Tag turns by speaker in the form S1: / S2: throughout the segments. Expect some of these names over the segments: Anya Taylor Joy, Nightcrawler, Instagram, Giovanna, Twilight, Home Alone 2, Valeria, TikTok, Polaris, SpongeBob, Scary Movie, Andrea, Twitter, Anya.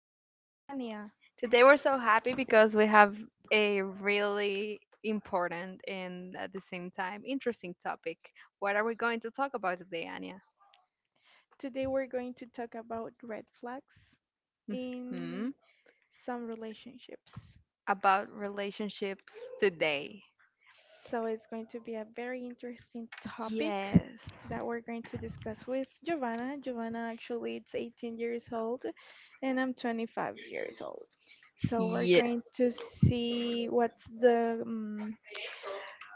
S1: this is Anya.
S2: today we're so happy because we have a really important and at the same time interesting topic. What are we going to talk about today, Anya?
S1: Today we're going to talk about red flags in
S2: Mhm.
S1: some relationships.
S2: About relationships today.
S1: So it's going to be a very interesting topic
S2: Yes.
S1: that we're going to discuss with Giovanna. Giovanna actually is 18 years old and I'm 25 years old. So we're
S2: Ye-
S1: going to see what's the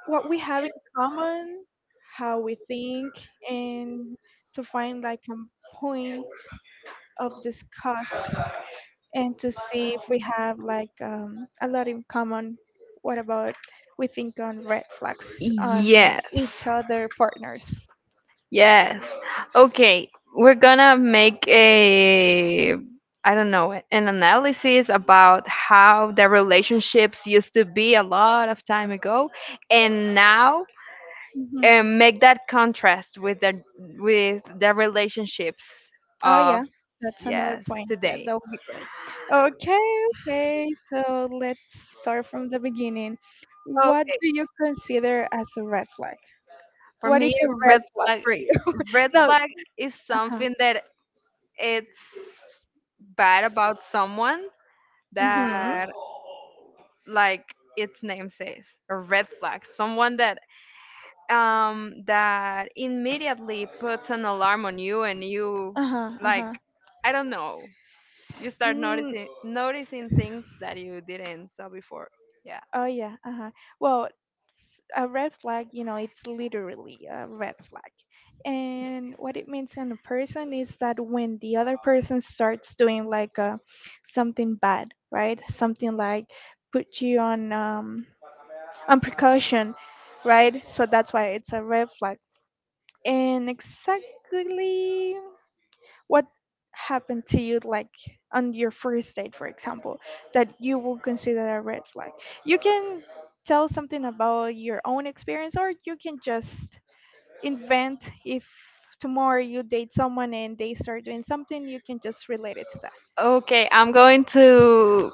S1: what we have in common, how we think, and to find like a point of discuss and to see if we have like a lot in common. What about we think on red flags on
S2: Yes.
S1: each other partners?
S2: Yes. Okay. We're gonna make a, I don't know, an analysis about how the relationships used to be a lot of time ago, and now,
S1: Hmm.
S2: and make that contrast with the relationships
S1: Oh
S2: of
S1: yeah, that's another
S2: yes
S1: point. Yeah,
S2: today.
S1: that would be great. Okay, okay. So let's start from the beginning. What
S2: Okay.
S1: do you consider as a red flag?
S2: For
S1: What
S2: me,
S1: is a red
S2: red
S1: flag
S2: flag,
S1: for you?
S2: red
S1: No.
S2: flag is
S1: Uh-huh.
S2: something that it's bad about someone
S1: Mhm.
S2: that like its name says, a red flag, someone that that immediately puts an alarm on you and you
S1: Uh-huh. Uh-huh.
S2: like I don't know, you start
S1: Mm,
S2: noticing things that you didn't saw before. Yeah.
S1: oh yeah, uh-huh. Well, a red flag, it's literally a red flag. And what it means on a person is that when the other person starts doing like something bad, right? Something like put you on precaution, right? So that's why it's a red flag. And exactly what happened to you like on your first date, for example, that you will consider a red flag. You can tell something about your own experience, or you can just invent. If tomorrow you date someone and they start doing something, you can just relate it to that.
S2: Okay, I'm going to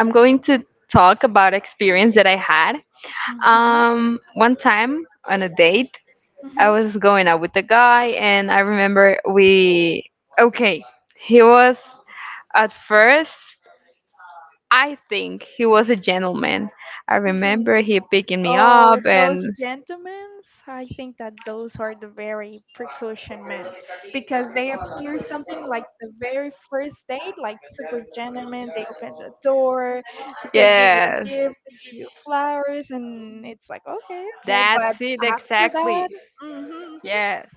S2: I'm going to talk about experience that I had.
S1: Mm-hmm.
S2: One time on a date, I was going out with a guy and I remember we okay, he was at first I think he was a gentleman. I
S1: Mm-hmm.
S2: remember he picking me up
S1: Oh, those
S2: and
S1: gentlemen! I think that those are the very precaution men because they appear something like the very first date, like super gentlemen. They open the door, they give you
S2: yes.
S1: food, they give you flowers, and it's like okay, okay. But
S2: That's it
S1: after that.
S2: exactly.
S1: Mm-hmm. Hmm.
S2: Yes.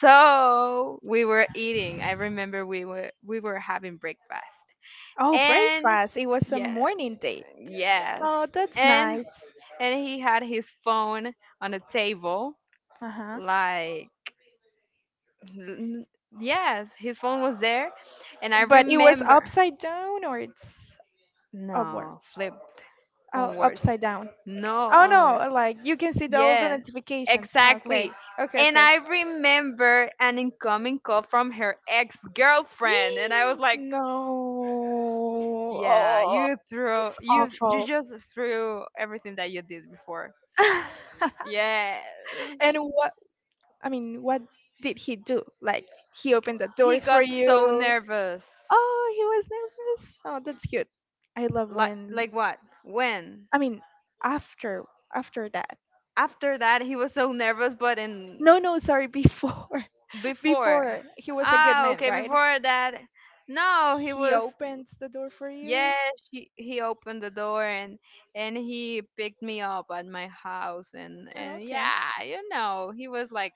S2: So we were eating. I remember we were having breakfast.
S1: Oh,
S2: And
S1: breakfast. It was a
S2: yeah,
S1: morning date.
S2: yes.
S1: Oh, that's
S2: And
S1: nice.
S2: and he had his phone on the table.
S1: Uh huh.
S2: Like, n- yes, his phone was there, and I
S1: But it was
S2: remember.
S1: upside down or it's
S2: No,
S1: upwards?
S2: flip
S1: Oh,
S2: onwards.
S1: upside down.
S2: No,
S1: Oh no,
S2: onward.
S1: like you can see the all the
S2: Yes,
S1: notifications. Ah, okay.
S2: exactly.
S1: Okay,
S2: And
S1: okay.
S2: I remember an incoming call from her ex-girlfriend, and I was like,
S1: No.
S2: "Yeah,
S1: Oh,
S2: you threw
S1: it's
S2: you
S1: awful.
S2: just threw everything that you did before." Yes.
S1: And what I mean, what did he do? Like he opened the
S2: He
S1: doors for
S2: got so
S1: you.
S2: nervous.
S1: Oh, he was nervous. Oh, that's cute. I love when
S2: Like what? When?
S1: I mean, after after that.
S2: After that he was so nervous but in
S1: No, no, sorry, before.
S2: before.
S1: Before he was a good
S2: Ah,
S1: man,
S2: okay,
S1: right?
S2: before that no he
S1: He
S2: was.
S1: opens the door for
S2: Yes,
S1: you.
S2: he opened the door and he picked me up at my house
S1: Oh,
S2: and
S1: okay.
S2: yeah, you know, he was like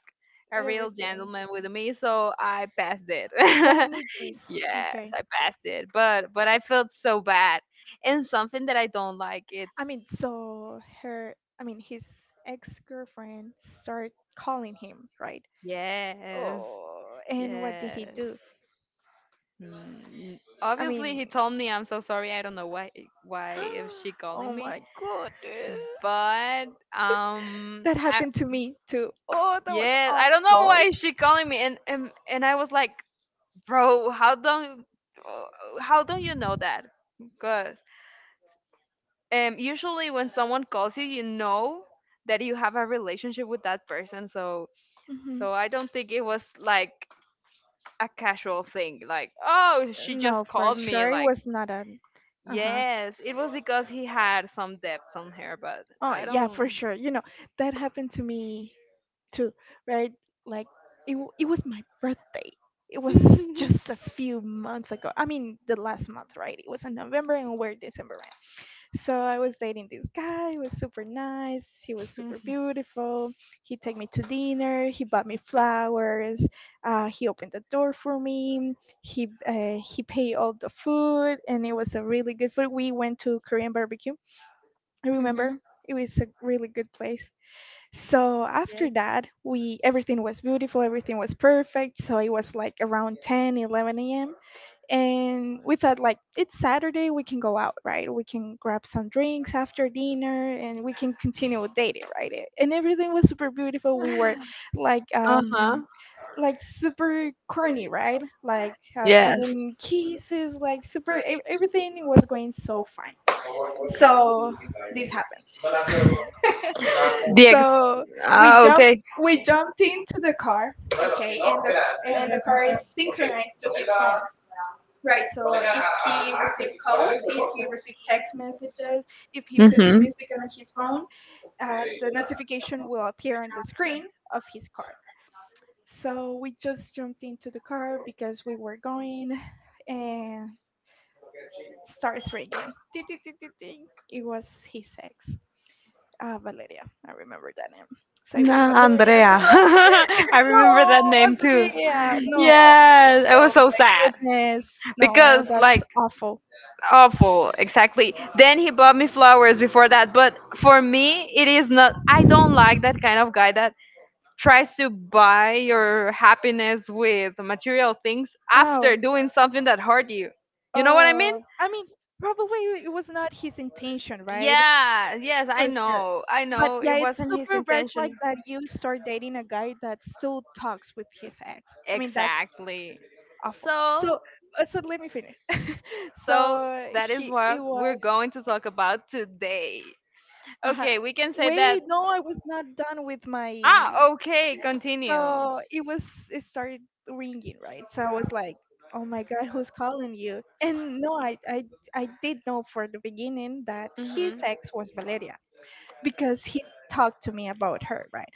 S2: a real
S1: Everything.
S2: gentleman with me, so I passed it.
S1: Full Mickey's.
S2: Yes,
S1: Okay.
S2: I passed it, but I felt so bad and something that I don't like
S1: I
S2: it's
S1: mean, so her, I mean, his ex girlfriend started calling him, right?
S2: yes
S1: Oh, and what did he
S2: yes.
S1: do?
S2: Mm,
S1: I
S2: obviously, he
S1: mean,
S2: told me I'm so sorry. I don't know why is she
S1: oh
S2: calling me,
S1: my goodness.
S2: but
S1: That
S2: I,
S1: happened to me too. Oh, that was
S2: yeah, I don't know
S1: awful.
S2: why is she calling me, and and I was like, bro, uh, how don't you know that? Because usually when someone calls you, you know that you have a relationship with that person. So
S1: Hmm.
S2: so I don't think it was like a casual thing, like oh, she
S1: No,
S2: just
S1: for
S2: called me,
S1: sure. It
S2: like.
S1: was not a. Uh huh.
S2: Yes, it was because he had some debts on her, but
S1: Oh,
S2: I
S1: yeah, for
S2: don't.
S1: sure. That happened to me too, right? Like it was my birthday. It was just a few months ago. I mean, the last month, right? It was in November and we're December, right? So I was dating this guy. He was super nice. He was super beautiful. He took me to dinner. He bought me flowers. He opened the door for me. He paid all the food, and it was a really good food. We went to Korean barbecue. I remember
S2: Hmm.
S1: it was a really good place. So after
S2: Yes.
S1: that, we everything was beautiful, everything was perfect. So it was like around 10 11 a.m., and we thought like it's Saturday, we can go out, right? We can grab some drinks after dinner and we can continue dating, right? And everything was super beautiful. We were like
S2: Uh huh.
S1: um like super corny, right? Like
S2: Yes.
S1: giving kisses, like super everything was going so fine. So this happened.
S2: The ex.
S1: So we
S2: Ah,
S1: jumped
S2: okay.
S1: we jumped into the car, okay, and the car is synchronized with his phone, right? So if he received calls, if he received text messages, if he puts
S2: Mm-hmm.
S1: music on his phone, the notification will appear on the screen of his car. So we just jumped into the car because we were going, and starts ringing. Ding, ding, ding, ding, ding. It was his ex. Ah, Valeria. I remember that name. So it was
S2: Nah,
S1: Valeria.
S2: Andrea. I remember
S1: No,
S2: that name too.
S1: Andrea. No.
S2: Yes, it was
S1: Oh
S2: so
S1: my
S2: sad
S1: goodness. No,
S2: because,
S1: that's
S2: like,
S1: awful.
S2: awful exactly, then he bought me flowers before that but for me it is not, I don't like that kind of guy that tries to buy your happiness with material things
S1: Oh.
S2: after doing something that hurt you, you know what I mean.
S1: Oh. I mean, probably it was not his intention, right?
S2: Yeah, yes, I
S1: For sure.
S2: know, I
S1: But
S2: know
S1: yeah,
S2: it
S1: it's
S2: wasn't his
S1: super red flag
S2: intention,
S1: that you start dating a guy that still talks with his ex. I mean, that's
S2: exactly.
S1: awful.
S2: So
S1: So, so let me finish.
S2: so
S1: So
S2: that is
S1: he it
S2: what we're
S1: was.
S2: going to talk about today.
S1: Uh,
S2: Okay, we can say that.
S1: Wait, no, I was not done with my.
S2: Ah, okay, continue.
S1: So it started ringing, right? So I was like, "Oh my God, who's calling you?" And no, I did know for the beginning that his
S2: Mhm.
S1: ex was Valeria, because he talked to me about her, right?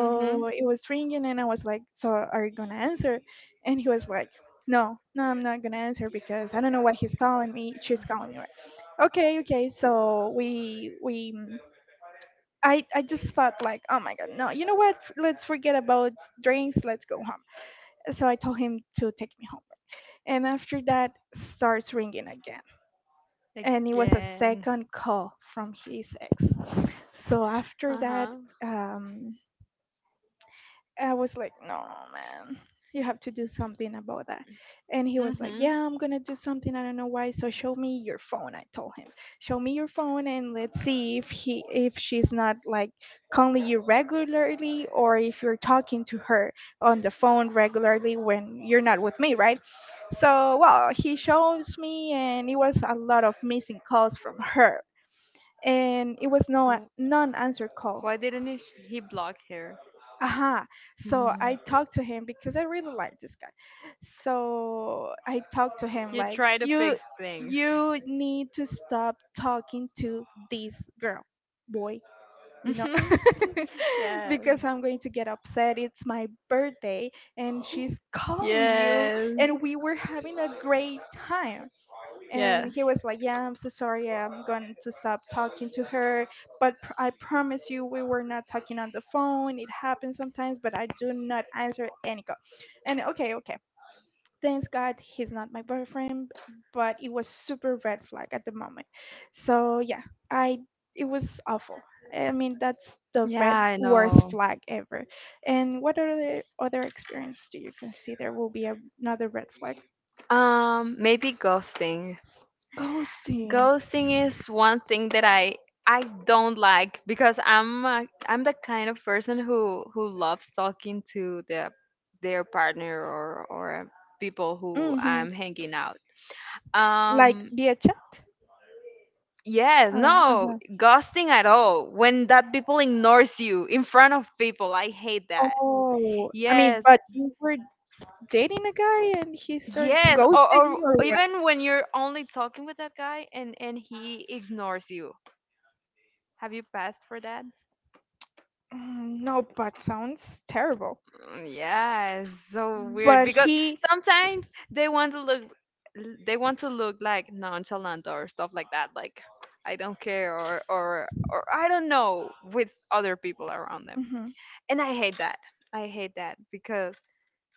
S2: Mhm.
S1: it was ringing, and I was like, "So are you gonna answer?" And he was like, "No, no, I'm not gonna answer because I don't know why he's calling me. She's calling me, right?" Okay, okay. So I just thought like oh my god no, you know what, let's forget about drinks, let's go home. So I told him to take me home, and after that starts ringing again, and it was a
S2: Again.
S1: second call from his ex. So after
S2: Uh
S1: that,
S2: huh.
S1: um I was like, no, man, you have to do something about that. And he was like,
S2: Mhm.
S1: yeah, I'm going to do something. I don't know why. So show me your phone. I told him, show me your phone and let's see if he, if she's not like calling you regularly or if you're talking to her on the phone regularly when you're not with me, right? So, well, he shows me and it was a lot of missing calls from her, and it was no
S2: Wh-
S1: non-answer call.
S2: Why didn't he block her?
S1: Aha. So I talked to him because I really like this guy. So I talked to him
S2: You
S1: like
S2: try to
S1: you
S2: fix things.
S1: you need to stop talking to this girl, boy, you know.
S2: Yes.
S1: Because I'm going to get upset. It's my birthday and she's calling you,
S2: Yes.
S1: and we were having a great time, and
S2: Yes.
S1: he was like yeah I'm so sorry, yeah, I'm going to stop talking to her, but I promise you we were not talking on the phone. It happens sometimes, but I do not answer any call. And okay, okay, thanks God he's not my boyfriend, but it was super red flag at the moment. So yeah, I it was awful. I mean, that's the red
S2: Yeah, I
S1: worst
S2: know.
S1: flag ever. And what other experience do you consider will be another red flag?
S2: Maybe ghosting.
S1: Ghosting.
S2: Ghosting is one thing that I don't like because I am the kind of person who loves talking to their partner or people who
S1: Hmm.
S2: I'm hanging out.
S1: Like
S2: um
S1: via chat?
S2: yes,
S1: Oh,
S2: no
S1: uh-huh.
S2: ghosting at all, when that people ignores you in front of people I hate that.
S1: Oh, I mean,
S2: Yes,
S1: but you were dating a guy and he starts
S2: yes,
S1: ghosting you or
S2: or
S1: what?
S2: even when you're only talking with that guy and he ignores you. Have you passed for that?
S1: Mm, no, but sounds terrible.
S2: Mm, yeah, it's so weird
S1: But
S2: because
S1: he,
S2: sometimes they want to look like nonchalant or stuff like that, like I don't care or or I don't know, with other people around them.
S1: hmm.
S2: And I hate that. I hate that because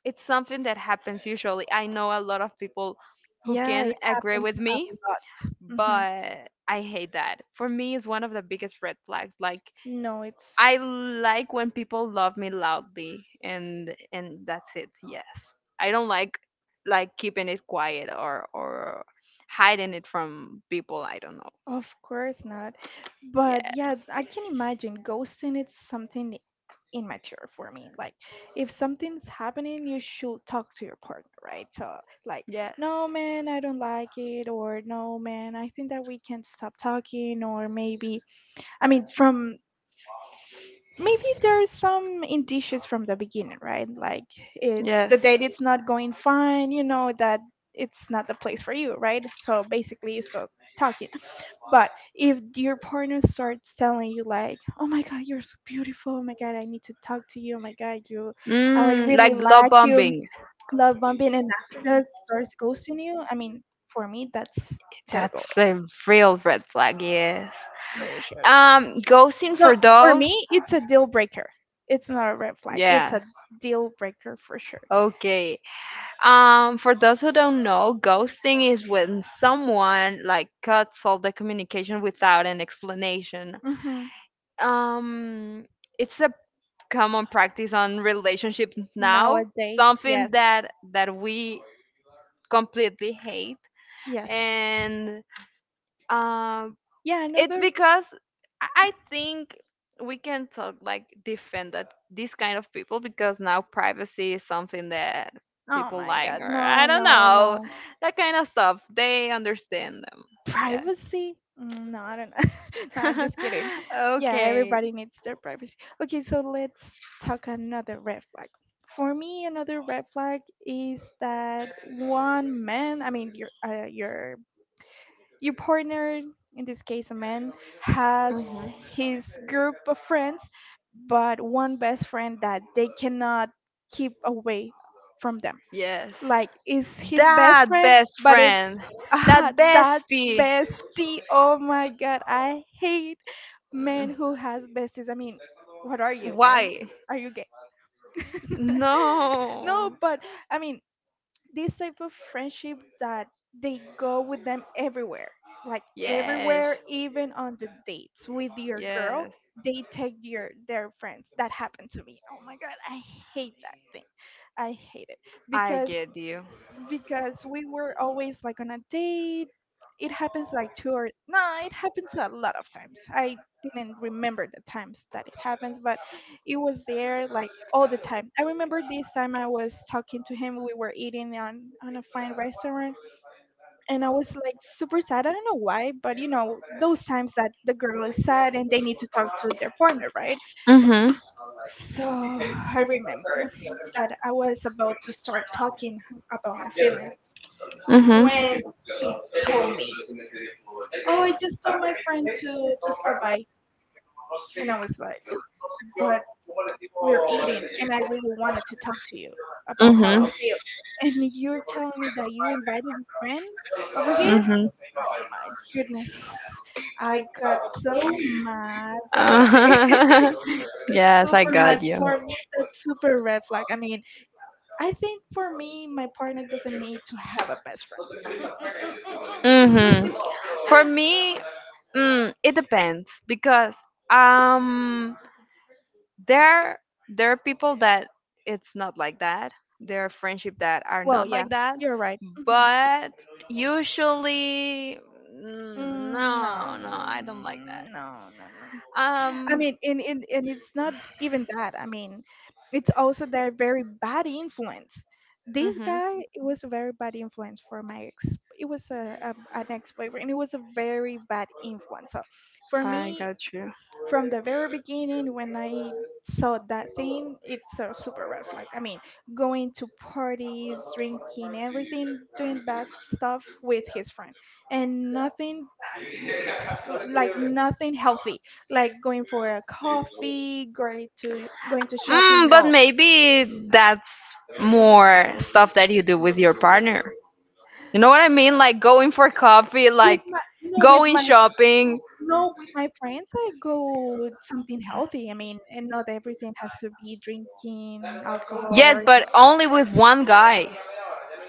S2: it's something that happens usually. I know a lot of people who
S1: Yeah,
S2: can
S1: it
S2: agree
S1: happens
S2: with
S1: a
S2: me,
S1: lot. Hmm.
S2: but I hate that. For me, it's one of the biggest red flags. Like
S1: No, it's.
S2: I like when people love me loudly and that's it. Yes. I don't like keeping it quiet or hiding it from people, I don't know.
S1: Of course not. But yeah, I
S2: Yes.
S1: can imagine ghosting it's something immature for me. Like if something's happening, you should talk to your partner, right? So like, no
S2: Yes.
S1: man, I don't like it, or no man, I think that we can stop talking, or maybe I mean from maybe there's some indicious from the beginning, right? Like it's
S2: Yes.
S1: the date, it's not going fine, you know that it's not the place for you, right? So basically you stop talking, but if your partner starts telling you like, "Oh my God, you're so beautiful. Oh my God, I need to talk to you. Oh my God, you, I
S2: Mm,
S1: really
S2: like love
S1: like you."
S2: bombing.
S1: Love bumping, and after that starts ghosting you. I mean, for me, that's terrible.
S2: That's a real red flag, yes.
S1: For sure.
S2: Um, ghosting
S1: No,
S2: for
S1: for
S2: those?
S1: me, it's a deal breaker. It's not a red flag. It's a
S2: Yes.
S1: deal breaker for sure.
S2: Okay. For those who don't know, ghosting is when someone like cuts all the communication without an explanation.
S1: Hmm.
S2: Um, it's a common practice on relationships now,
S1: Nowadays,
S2: something
S1: yes,
S2: that that we completely hate.
S1: yes.
S2: And um
S1: Yeah,
S2: it's
S1: another.
S2: because I think we can talk like defend that these kind of people because now privacy is something that
S1: Oh
S2: people
S1: my
S2: like
S1: God,
S2: or
S1: no,
S2: I don't
S1: no,
S2: know,
S1: no.
S2: that kind of stuff they understand them yes.
S1: Privacy? Mm, no, I don't know. No, I'm just kidding. Yeah,
S2: Okay.
S1: everybody needs their privacy. Okay, so let's talk another red flag. For me, another red flag is that one man, I mean your your partner, in this case a man, has
S2: Mhm.
S1: his group of friends, but one best friend that they cannot keep away from them,
S2: Yes,
S1: like is his best
S2: that
S1: friend,
S2: best
S1: but
S2: friend,
S1: it's
S2: that
S1: ah, that
S2: bestie.
S1: bestie. Oh my god, I hate
S2: Mm.
S1: men who has besties. I mean, what are you, man?
S2: Why?
S1: Are you gay? No,
S2: No.
S1: but I mean, this type of friendship that they go with them everywhere, like
S2: Yes.
S1: everywhere, even on the dates with your girl,
S2: Yes.
S1: they take your their friends. That happened to me. Oh my god, I hate that thing. I hate it
S2: I
S1: because
S2: get you.
S1: because we were always like on a date. It happens like two or no, it happens a lot of times. I didn't remember the times that it happens, but it was there like all the time. I remember this time I was talking to him. We were eating on a fine restaurant, and I was like super sad. I don't know why, but you know those times that the girl is sad and they need to talk to their partner, right?
S2: Mhm.
S1: So I remember that I was about to start talking about my feelings
S2: Mhm.
S1: when he told me, "Oh, I just told my friend to stop by," and I was like, "But we're eating, and I really wanted to talk to you about how I
S2: Mhm.
S1: feel, and you're telling me that you invited your friend over here."
S2: Mhm.
S1: My goodness, I got so mad that day. It's
S2: Yes, I
S1: super mad
S2: got you.
S1: for me. That's super red flag. I mean, I think for me, my partner doesn't need to have a best friend. Mm, mm, mm, mm,
S2: Mhm.
S1: mm.
S2: For me, mm, it depends because um there there are people that it's not like that, there are friendship that are
S1: Well,
S2: not
S1: yeah,
S2: like that,
S1: you're right. Mhm.
S2: but usually mm,
S1: No,
S2: no no I don't like that.
S1: mm, no, no, no. I
S2: um
S1: mean, and it's not even that. I mean, it's also that very bad influence. This
S2: mhm,
S1: guy, it was a very bad influence for my ex. It was a an ex boyfriend. It was a very bad influence. So, for
S2: I
S1: me,
S2: got you.
S1: from the very beginning, when I saw that thing, it's a super red flag. I mean, going to parties, drinking, everything, doing bad stuff with his friend, and nothing like nothing healthy, like going for a coffee, going to shopping.
S2: Mm, but
S1: No,
S2: maybe that's more stuff that you do with your partner, you know what I mean, like going for coffee
S1: with
S2: like
S1: my no, with
S2: going
S1: my
S2: shopping.
S1: no, my friends, I go with something healthy. I mean, and not everything has to be drinking alcohol
S2: Yes,
S1: or anything.
S2: but only with one guy.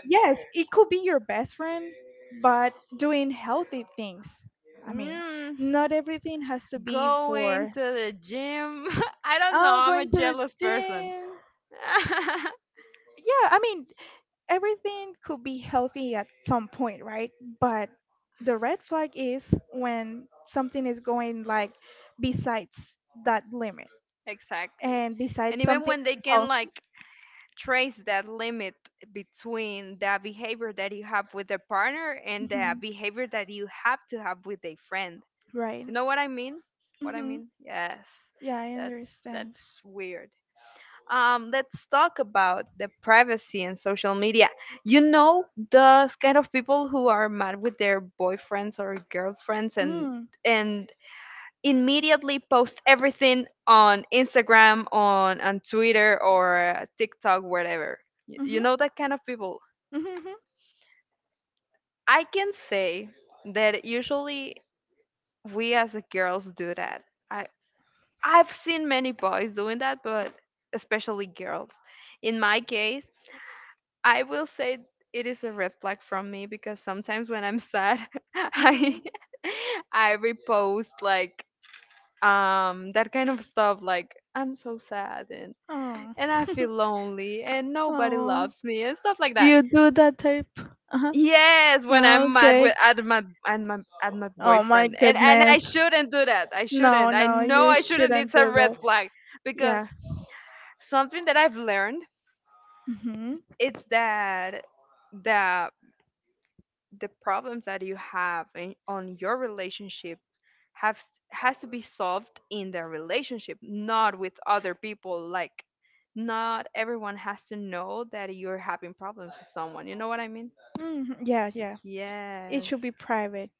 S1: Yes, it could be your best friend, but doing healthy things. I mean,
S2: Mm,
S1: not everything has to be
S2: going
S1: for
S2: to the gym. I don't know. I'm a
S1: going to the
S2: jealous person.
S1: gym. Yeah, I mean, everything could be healthy at some point, right? But the red flag is when something is going like besides that limit
S2: Exactly.
S1: and
S2: And
S1: besides
S2: even
S1: something
S2: when they can
S1: healthy.
S2: like trace that limit between the behavior that you have with a partner and the
S1: Hmm.
S2: behavior that you have to have with a friend.
S1: Right.
S2: You know what I mean? What I
S1: Hmm.
S2: mean? Yes.
S1: Yeah, I understand.
S2: That's weird. Let's talk about the privacy and social media. You know, those kind of people who are mad with their boyfriends or girlfriends
S1: Mm.
S2: and immediately post everything on Instagram, on Twitter or TikTok, whatever. You
S1: Mm-hmm.
S2: know that kind of people.
S1: Mm-hmm.
S2: I can say that usually we as girls do that. I I've seen many boys doing that, but especially girls. In my case. I will say it is a red flag from me because sometimes when I'm sad, I
S1: Mm-hmm.
S2: I repost like that kind of stuff like I'm so sad
S1: Oh.
S2: and I feel lonely and nobody
S1: Oh.
S2: loves me and stuff like that.
S1: You do that type. Uh-huh.
S2: Yes, when
S1: Ah,
S2: I'm mad
S1: okay.
S2: with at my
S1: Oh my
S2: boyfriend and I
S1: goodness.
S2: shouldn't do that. I
S1: No,
S2: shouldn't. I
S1: no,
S2: know
S1: you
S2: I shouldn't.
S1: shouldn't
S2: It's a
S1: do that.
S2: red flag because
S1: Yeah.
S2: something that I've learned
S1: Mm-hmm.
S2: it's that that the problems that you have in, on your relationship have has to be solved in the relationship, not with other people, like not everyone has to know that you're having problems with someone, you know what I mean.
S1: Mm-hmm. Yeah, yeah. It should
S2: Yes,
S1: be private.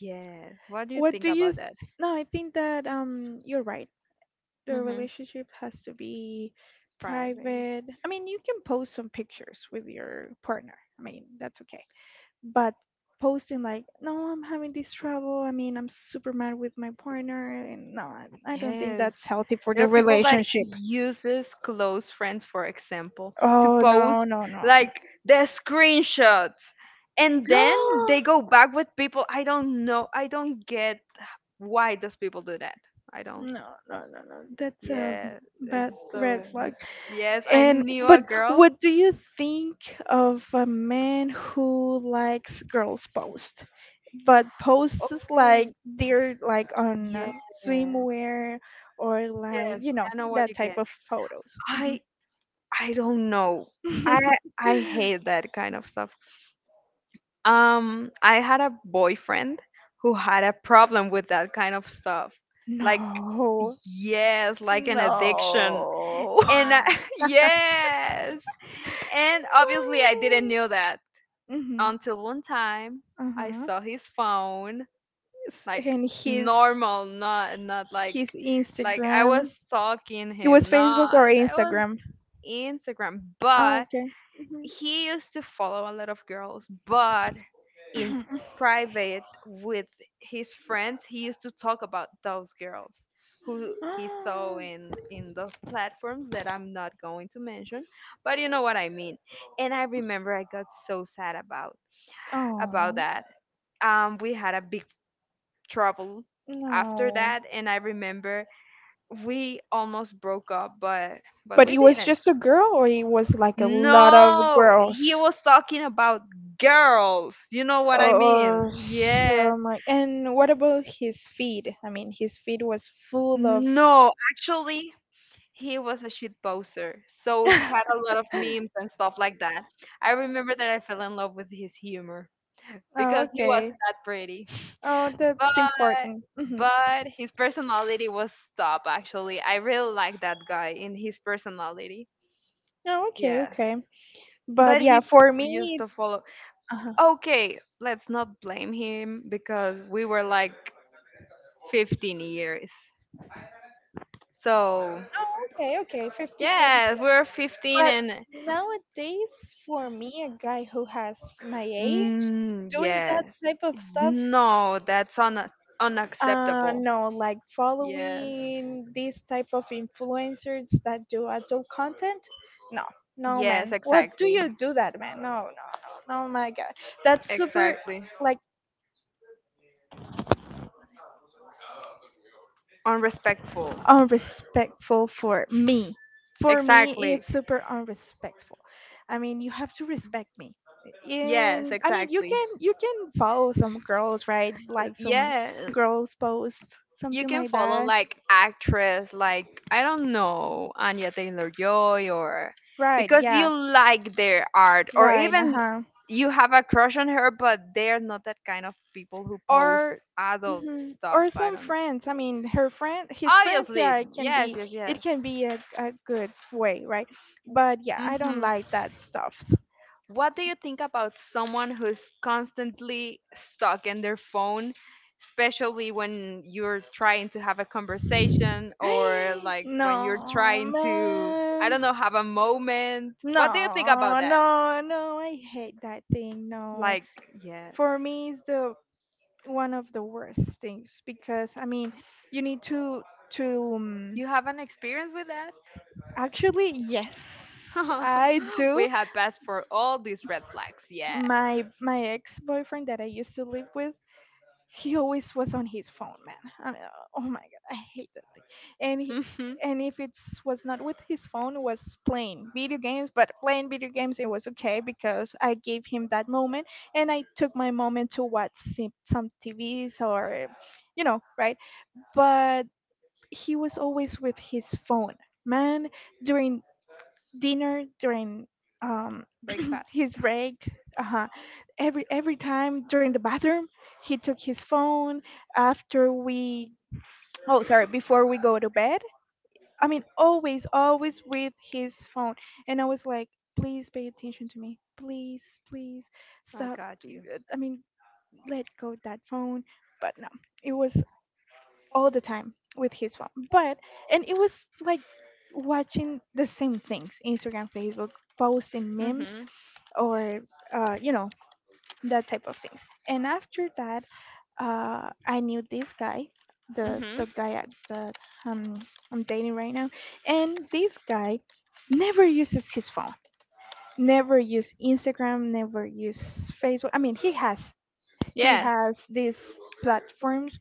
S2: yes, what do you
S1: What
S2: think
S1: do you?
S2: about that?
S1: No, I think that you're right. The
S2: Hmm,
S1: relationship has to be
S2: private.
S1: private. I mean, you can post some pictures with your partner. I mean, that's okay. But posting like, no, I'm having this trouble. I mean, I'm super mad with my partner, and no, I don't think that's
S2: Yes.
S1: healthy for
S2: There
S1: the
S2: are people that
S1: relationship.
S2: uses close friends, for example, to
S1: Oh no,
S2: post
S1: no, no.
S2: like their screenshots. And then they go back with people. I don't know. I don't get why those people do that. I don't.
S1: No, no, no, no. That's a
S2: Yeah.
S1: bad
S2: It's
S1: red
S2: so
S1: flag.
S2: mm, yes, I
S1: And
S2: knew a
S1: but
S2: girl.
S1: what do you think of a man who likes girls post, but posts
S2: Oh,
S1: like they're like on
S2: yes. Yes,
S1: swimwear or like
S2: I know what
S1: that
S2: you
S1: type
S2: get.
S1: of photos?
S2: I I don't know. I I hate that kind of stuff. I had a boyfriend who had a problem with that kind of stuff. Like
S1: No,
S2: yes, like an addiction.
S1: no.
S2: And I, yes. And obviously I didn't know that
S1: Mhm.
S2: until one time
S1: Uh
S2: I
S1: huh.
S2: saw his phone like
S1: And his
S2: normal, not not
S1: his
S2: like like I was
S1: Instagram.
S2: stalking
S1: It was
S2: him,
S1: Facebook or
S2: not I was
S1: Instagram.
S2: Instagram,
S1: Oh,
S2: but
S1: okay. Mhm.
S2: he used to follow a lot of girls, but in private with his friends, he used to talk about those girls who he saw in those platforms that I'm not going to mention, but you know what I mean. And I remember I got so sad about
S1: Oh,
S2: that. We had a big trouble after
S1: no.
S2: that, and I remember we almost broke up, but
S1: But
S2: we
S1: it was
S2: didn't.
S1: just a girl, or it was like a lot of
S2: No, he
S1: girls?
S2: was talking about girls. You know what I
S1: Oh,
S2: mean? Yeah.
S1: oh my. And what about his feed? I mean, his feed was full of.
S2: No, actually, he was a shit poster. So he had a lot of memes and stuff like that. I remember that I fell in love with his humor
S1: Oh,
S2: because he
S1: okay.
S2: wasn't that pretty.
S1: Oh,
S2: But
S1: that's important. Hmm.
S2: but his personality was top actually. I really like that guy in his personality.
S1: Oh, okay,
S2: Yes.
S1: okay. But
S2: but he
S1: yeah,
S2: f-
S1: for
S2: used
S1: me,
S2: to follow
S1: uh
S2: okay let's not blame him because we were like 15 years so
S1: Oh, okay, okay, 15 years.
S2: yeah we were 15
S1: But
S2: and
S1: nowadays, for me, a guy who has my age
S2: mm,
S1: doing
S2: yes
S1: that type of stuff,
S2: no that's unacceptable
S1: no, like
S2: yes
S1: following these type of influencers that do adult content, no, no,
S2: yes
S1: man. What do
S2: exactly
S1: you do that, man? No, no, no, no, my God, that's super.
S2: exactly
S1: Like
S2: unrespectful.
S1: unrespectful for me. For me,
S2: Exactly.
S1: it's super unrespectful. I mean, you have to respect me.
S2: Yes,
S1: And I mean, you
S2: exactly.
S1: can you can follow some girls, right? Like some
S2: Yeah,
S1: girls post
S2: you
S1: something
S2: can
S1: like
S2: follow
S1: that,
S2: like actress like I don't know Anya Taylor Joy or
S1: right?
S2: because you
S1: Yeah,
S2: like their art or
S1: right. Uh
S2: even
S1: huh.
S2: you have a crush on her but they're not that kind of people who post
S1: Or
S2: adult
S1: mhm,
S2: stuff.
S1: or
S2: I
S1: some
S2: don't know.
S1: friends. I mean, her friend, his friends.
S2: Obviously,
S1: Yeah, it can
S2: yes,
S1: be
S2: yes,
S1: it
S2: yes.
S1: can be a good way, right? But yeah, I don't
S2: Mhm.
S1: like that stuff.
S2: What do you think about someone who's constantly stuck in their phone, especially when you're trying to have a conversation or like
S1: No,
S2: when you're trying to, I
S1: man.
S2: don't know, have a moment? What do you think about
S1: No,
S2: that?
S1: no, no. I hate that thing. No.
S2: Like, yes.
S1: For me, it's the one of the worst things because I mean, you need to
S2: You have an experience with that?
S1: actually yes, I do.
S2: We have passed for all these red flags, yes.
S1: My ex-boyfriend that I used to live with, he always was on his phone, man. I mean, oh my god, I hate that thing. And he,
S2: Hmm.
S1: and if it was not with his phone, it was playing video games. But playing video games, it was okay because I gave him that moment, and I took my moment to watch some TVs or, right. But he was always with his phone, man. During dinner, during um,
S2: Break.
S1: his break. Uh-huh. Every time during the bathroom, he took his phone after we. Oh, sorry, before we go to bed. I mean, always, always with his phone. And I was like, please pay attention to me. Please, please
S2: I
S1: stop.
S2: got you.
S1: I mean, let go that phone. But no, it was all the time with his phone. But and it was like watching the same things: Instagram, Facebook, posting memes,
S2: Mhm.
S1: or uh, you know that type of things. And after that, I knew this guy, the
S2: Mhm.
S1: guy at the um I'm dating right now, and this guy never uses his phone. Never use Instagram, never use Facebook. I mean, he has he
S2: Yes.
S1: has these platforms,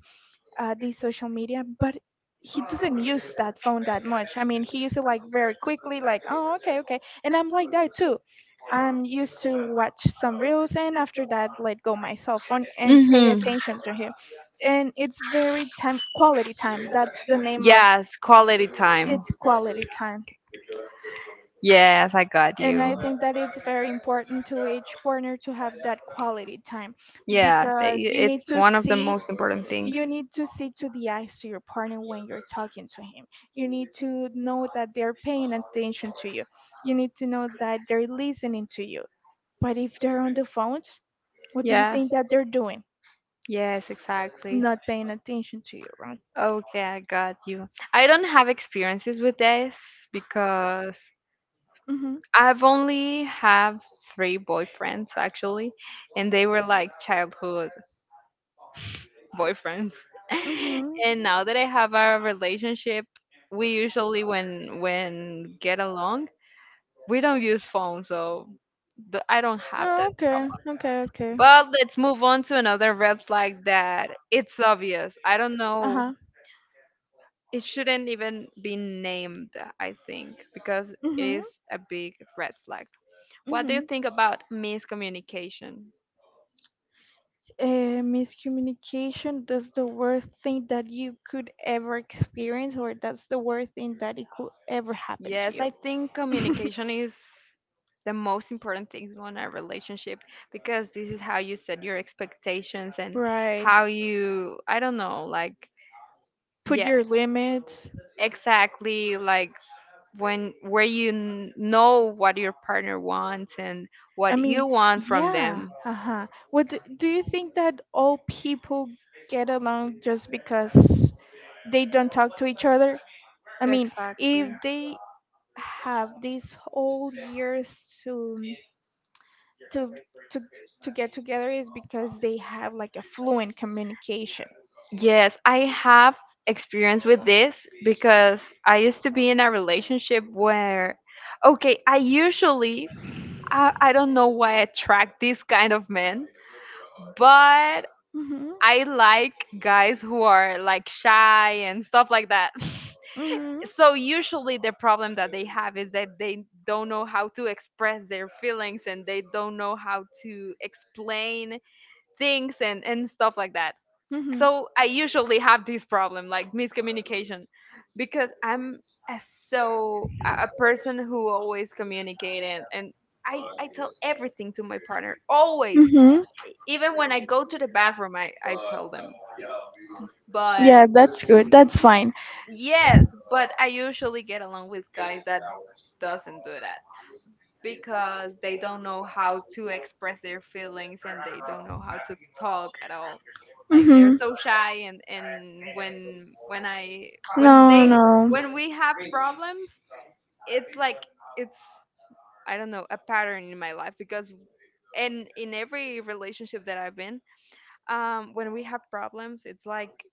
S1: these social media, but he doesn't use that phone that much. I mean, he uses it like very quickly, like, oh, okay, okay. And I'm like that too. I'm used to watch some reels and after that, let go my cell phone and pay
S2: Mhm.
S1: attention to him. And it's very time, quality time. That's the name of
S2: Yes, quality time.
S1: it, quality time.
S2: Yes, I got
S1: And
S2: you.
S1: I think that it's very important to each partner to have that quality time
S2: Yes, i- i-
S1: because you need
S2: it's
S1: to
S2: one of the
S1: see
S2: most important things.
S1: you need to see to the eyes to your partner when you're talking to him. You need to know that they're paying attention to you. You need to know that they're listening to you. But if they're on the phones, what do you
S2: Yes.
S1: think that they're doing?
S2: Yes, exactly.
S1: Not paying attention to you, right?
S2: Okay, I got you. I don't have experiences with this because
S1: Mhm.
S2: I've only have three boyfriends actually, and they were like childhood boyfriends.
S1: Mhm.
S2: And now that I have a relationship, we usually when get along, we don't use phones, so I don't have
S1: Oh,
S2: that problem.
S1: okay. Okay. Okay.
S2: But let's move on to another red flag that it's obvious. I don't
S1: Uh
S2: know,
S1: huh.
S2: it shouldn't even be named, I think, because it
S1: Mhm.
S2: is a big red flag. What do you
S1: Mhm.
S2: think about miscommunication?
S1: Miscommunication. That's the worst thing that you could ever experience, or that's the worst thing that it could ever happen to
S2: Yes,
S1: you.
S2: I think communication is the most important thing in a relationship, because this is how you set your expectations and
S1: Right.
S2: how you, I don't know, like,
S1: Put your
S2: yes,
S1: limits.
S2: exactly, like when where you know what your partner wants and
S1: I
S2: what
S1: mean,
S2: you want from
S1: yeah.
S2: them.
S1: Uh-huh. Do you think that all people get along just because they don't talk to each other? I mean, if
S2: Exactly.
S1: they have these whole years to to to get together is because they have like a fluent communication.
S2: Yes, I have experience with this because I used to be in a relationship where, okay, I usually, I don't know why I attract these kind of men, but
S1: Mhm.
S2: I like guys who are like shy and stuff like that.
S1: Mhm.
S2: So usually the problem that they have is that they don't know how to express their feelings, and they don't know how to explain things, and stuff like that.
S1: Mhm.
S2: So I usually have this problem, like miscommunication, because I'm a, so a person who always communicate, and I tell everything to my partner always.
S1: Mm-hmm.
S2: Even when I go to the bathroom, I tell them.
S1: Yeah,
S2: But
S1: that's good. That's fine.
S2: yes, but I usually get along with guys that doesn't do that because they don't know how to express their feelings, and they don't know how to talk at all. Like
S1: Mm-hmm.
S2: they're so shy, and when I when
S1: No,
S2: they
S1: no.
S2: when we have problems, it's like, it's I don't know, a pattern in my life. Because and in every relationship that I've been, when we have problems, it's like,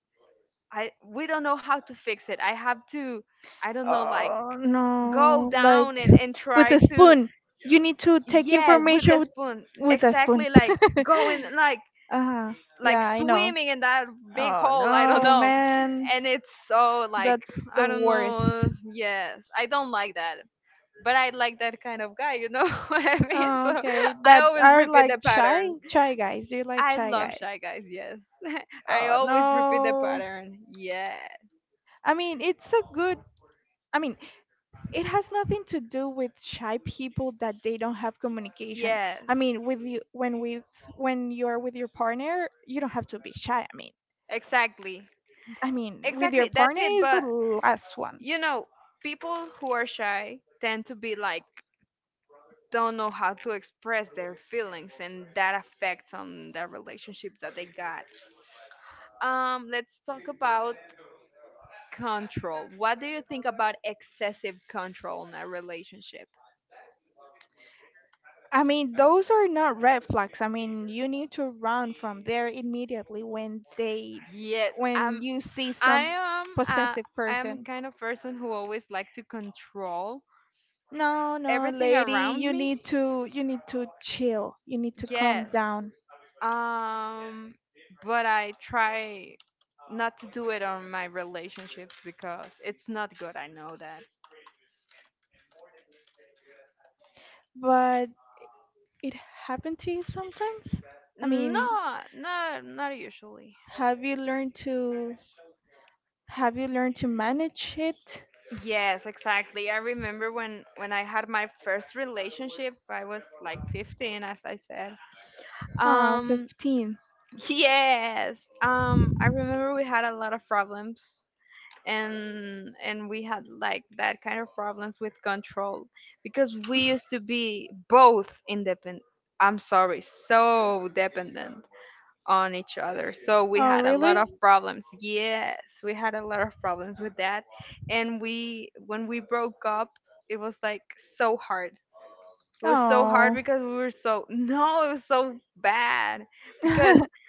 S2: I we don't know how to fix it. I have to, I don't know, like,
S1: Oh,
S2: go
S1: no. Like
S2: down, and
S1: with
S2: try
S1: a
S2: to.
S1: spoon. You need to take
S2: Yes, with
S1: information
S2: the
S1: with,
S2: spoon.
S1: with a spoon.
S2: Exactly, like going like
S1: Uh-huh.
S2: like
S1: Yeah, I know.
S2: swimming in that big
S1: Oh,
S2: hole, I don't
S1: no,
S2: know.
S1: man.
S2: And it's so like,
S1: That's the
S2: I don't
S1: worst.
S2: know. Yes, I don't like that. But I like that kind of guy, you know what I mean?
S1: Oh,
S2: So
S1: okay.
S2: I
S1: That
S2: always
S1: are
S2: repeat
S1: like
S2: the
S1: shy,
S2: pattern.
S1: shy guys. Do you like
S2: I
S1: shy
S2: love
S1: guys?
S2: shy guys, yes. I
S1: Oh
S2: always repeat the
S1: no.
S2: pattern. Yes.
S1: I mean, it's a good. I mean, it has nothing to do with shy people that they don't have communication.
S2: Yes.
S1: I mean, with you when with when you're with your partner, you don't have to be shy. I mean,
S2: Exactly.
S1: I mean, with your
S2: Exactly. That's
S1: partner
S2: it.
S1: is the
S2: But
S1: last one.
S2: you know, people who are shy tend to be like, don't know how to express their feelings, and that affects on the relationship that they got. Let's talk about control. What do you think about excessive control in a relationship?
S1: I mean, those are not red flags. I mean, you need to run from there immediately when they
S2: Yes.
S1: when you see
S2: I
S1: some
S2: am,
S1: possessive
S2: I am
S1: person.
S2: kind of person who always like to control
S1: No, no,
S2: everything
S1: lady,
S2: around
S1: you
S2: me.
S1: need to you need to chill. You need to calm
S2: Yes.
S1: down.
S2: Um, but I try not to do it on my relationships because it's not good. I know that.
S1: But it happened to you sometimes? I mean,
S2: No, not usually.
S1: have you learned to have you learned to manage it?
S2: Yes, exactly. I remember when I had my first relationship, I was like 15, as I said.
S1: Ah,
S2: Um
S1: 15.
S2: yes. I remember we had a lot of problems, and we had like that kind of problems with control, because we used to be both independent, I'm sorry, so dependent on each other. So we
S1: Oh,
S2: had a lot
S1: really?
S2: of problems. Yes, we had a lot of problems with that. And we when we broke up, it was like so hard. It was so hard,
S1: Oh.
S2: because we were so, no, it was so bad, because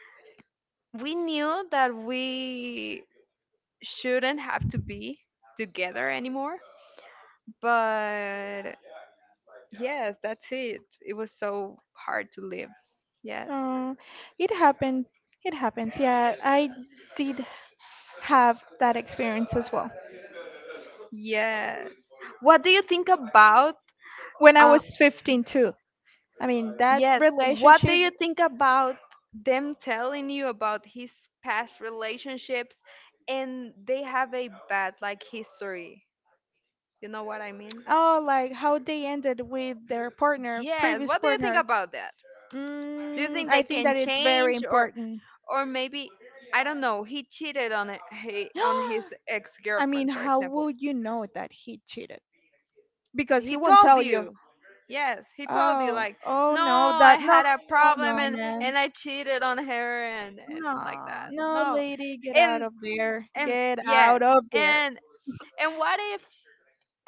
S2: we knew that we shouldn't have to be together anymore. But yes, that's it. It was so hard to live. Yes.
S1: Oh, it happened. It happens. Yeah, I did have that experience as well.
S2: Yes. What do you think about?
S1: When I
S2: uh
S1: was 15 too. I mean, that
S2: yes, what do
S1: relationship,
S2: you think about them telling you about his past relationships, and they have a bad like history? You know what I mean?
S1: oh, like how they ended with their partner,
S2: Yes,
S1: previous
S2: what do you think
S1: partner.
S2: about that? Do you
S1: Mm,
S2: think
S1: I
S2: they
S1: think
S2: can
S1: that it's very
S2: change, or
S1: important.
S2: or maybe, I don't know, he cheated on on his
S1: I mean,
S2: ex-girlfriend, for
S1: how
S2: example?
S1: would you know that he cheated? Because he
S2: He
S1: won't
S2: told
S1: tell you.
S2: you. Yes, he told you,
S1: Oh,
S2: like,
S1: oh
S2: no,
S1: no,
S2: I
S1: that no,
S2: had a
S1: no,
S2: problem,
S1: no,
S2: and
S1: man.
S2: and I cheated on her, and like
S1: No,
S2: that.
S1: no,
S2: No.
S1: lady, get out
S2: and
S1: of there.
S2: and
S1: Get
S2: yes,
S1: out of there.
S2: and and what if,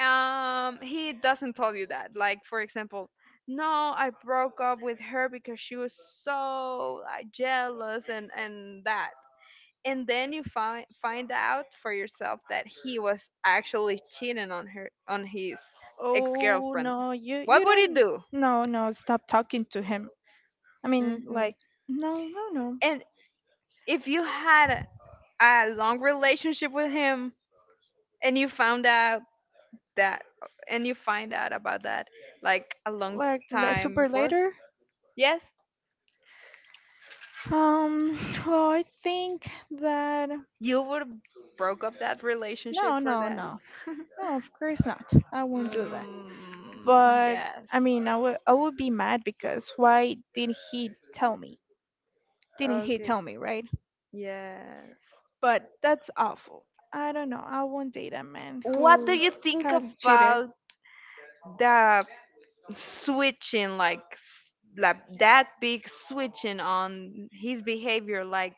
S2: he doesn't tell you that, like, for example, no, I broke up with her because she was so, like, jealous, and that, and then you find out for yourself that he was actually cheating on her, on his
S1: Oh
S2: ex-girlfriend?
S1: no, you
S2: What would you
S1: don't.
S2: do?
S1: No, no, stop talking to him. I mean,
S2: Hmm.
S1: like, no, no, no.
S2: And if you had a long relationship with him, and you found out that and you find out about that like a long
S1: Like
S2: time
S1: super
S2: before.
S1: later.
S2: Yes.
S1: Um, well, I think that
S2: You would have broke up that
S1: no,
S2: relationship for
S1: no,
S2: that?
S1: no, no. Of course not. I won't do that.
S2: Mm,
S1: But
S2: yes.
S1: I mean, I would be mad because why did he tell me? Didn't he
S2: Okay.
S1: tell me, right?
S2: Yes.
S1: But that's awful. I don't know. I won't date a man
S2: What do
S1: who
S2: you think
S1: has cheated.
S2: about the switching, like like that big switching on his behavior? Like,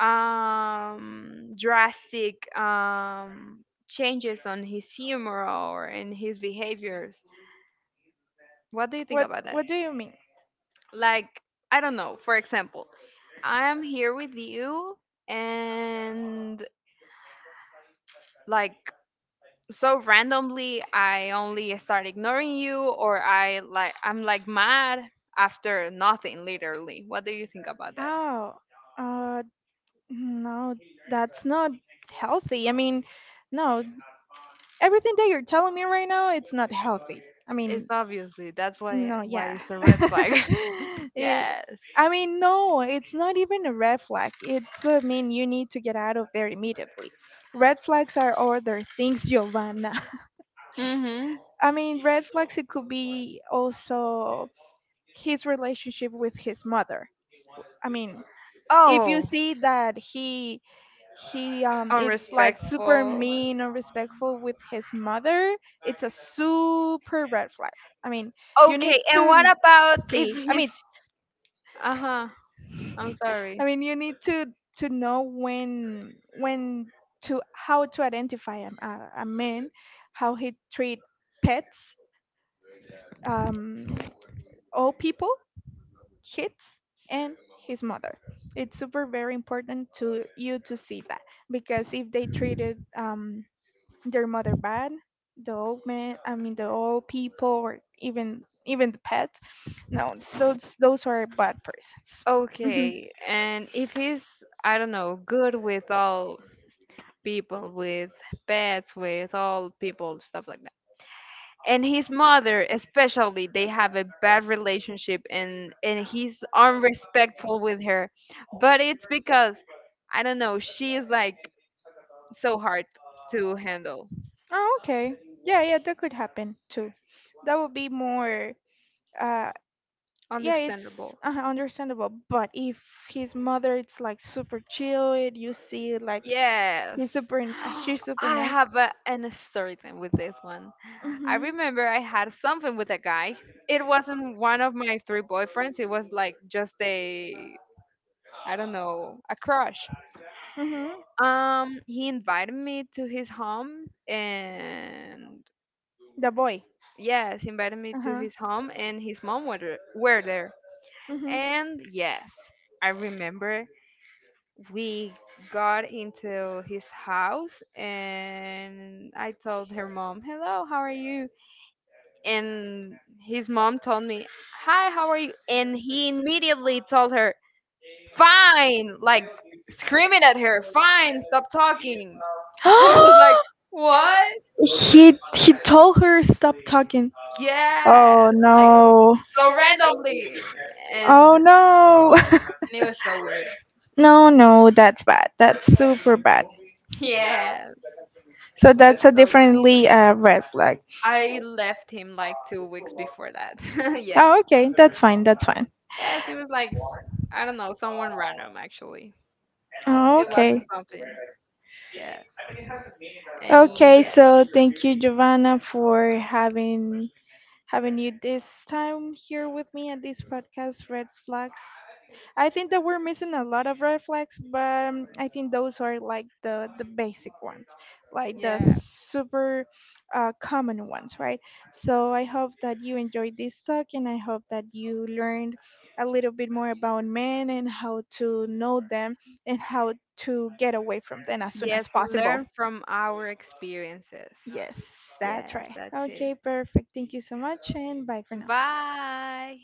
S2: drastic, changes on his humor or in his behaviors. What do you think
S1: What
S2: about that?
S1: What do you mean?
S2: Like, I don't know, for example, I'm here with you, and, like, so randomly I only start ignoring you, or I like I'm like mad after nothing literally. What do you think about that?
S1: Oh, uh, no, that's not healthy. I mean, no, everything that you're telling me right now, it's not healthy. I mean,
S2: It's obviously that's why
S1: no,
S2: why
S1: yeah.
S2: it's a red flag.
S1: it,
S2: Yes.
S1: I mean, no, it's not even a red flag. I mean, you need to get out of there immediately. Red flags are other things, Giovanna.
S2: Mhm.
S1: I mean, red flags, it could be also his relationship with his mother. I mean, if you
S2: Oh,
S1: see that he it's like super
S2: unrespectful.
S1: mean or respectful with his mother, it's a super red flag. I mean, you need
S2: Okay, and what
S1: to
S2: about if
S1: see. I
S2: he's,
S1: mean,
S2: uh-huh, I'm sorry.
S1: I mean, you need to know when to how to identify a man, how he treat pets, um, all people, kids, and his mother. It's super very important to you to see that because if they treated their mother bad, the old man, I mean the old people, or even the pets, no, those are bad persons. Mm-hmm.
S2: Okay, and if he's, I don't know, good with all people, with pets, with all people, stuff like, and his mother especially, they have a bad relationship, and he's unrespectful with her, but it's because, I don't know, she is like so hard to handle.
S1: Oh, okay. Yeah, yeah, that could happen too. That would be more. Uh, yeah, it's
S2: Understandable.
S1: understandable. But if his mother, it's like super chill. You see, like
S2: Yes.
S1: he's super.
S2: I
S1: She's super nice.
S2: have an story time with this one. I
S1: Mhm.
S2: remember I had something with a guy. It wasn't one of my three boyfriends, it was like just a, I don't know, a crush.
S1: Mhm.
S2: He invited me to his home, and
S1: The boy.
S2: yes, he invited me
S1: Uh
S2: to
S1: huh.
S2: his home, and his mom were there.
S1: Mhm.
S2: And yes, I remember we got into his house, and I told her mom, "Hello, how are you?" And his mom told me, "Hi, how are you?" And he immediately told her, "Fine," like screaming at her, "Fine, stop talking." And I was like, "What?"
S1: He told her stop talking.
S2: Yes,
S1: Oh
S2: like
S1: no.
S2: so randomly, and
S1: Oh
S2: and
S1: no.
S2: it was so weird.
S1: No, no. That's bad. That's super bad.
S2: Yes, it
S1: So
S2: was
S1: that's a
S2: so. Ra-
S1: differently red flag.
S2: I left him like 2 weeks before that.
S1: Oh,
S2: Yes,
S1: okay, that's fine, that's fine.
S2: yes, it was like I don't know, someone random actually.
S1: Oh,
S2: It
S1: okay.
S2: wasn't something. Yes, and
S1: Okay,
S2: yeah,
S1: so thank you, Giovanna, for having you this time here with me at this podcast, Red Flags. I think that we're missing a lot of red flags, but I think those are like the basic ones, like the
S2: yeah,
S1: super common ones, right? So I hope that you enjoyed this talk and I hope that you learned a little bit more about men and how to know them and how to get away from them as soon as
S2: yes.
S1: possible.
S2: Learn from our experiences.
S1: Yes, that's
S2: Yes,
S1: right.
S2: that's it.
S1: Okay, perfect. Thank you so much and bye for now.
S2: Bye.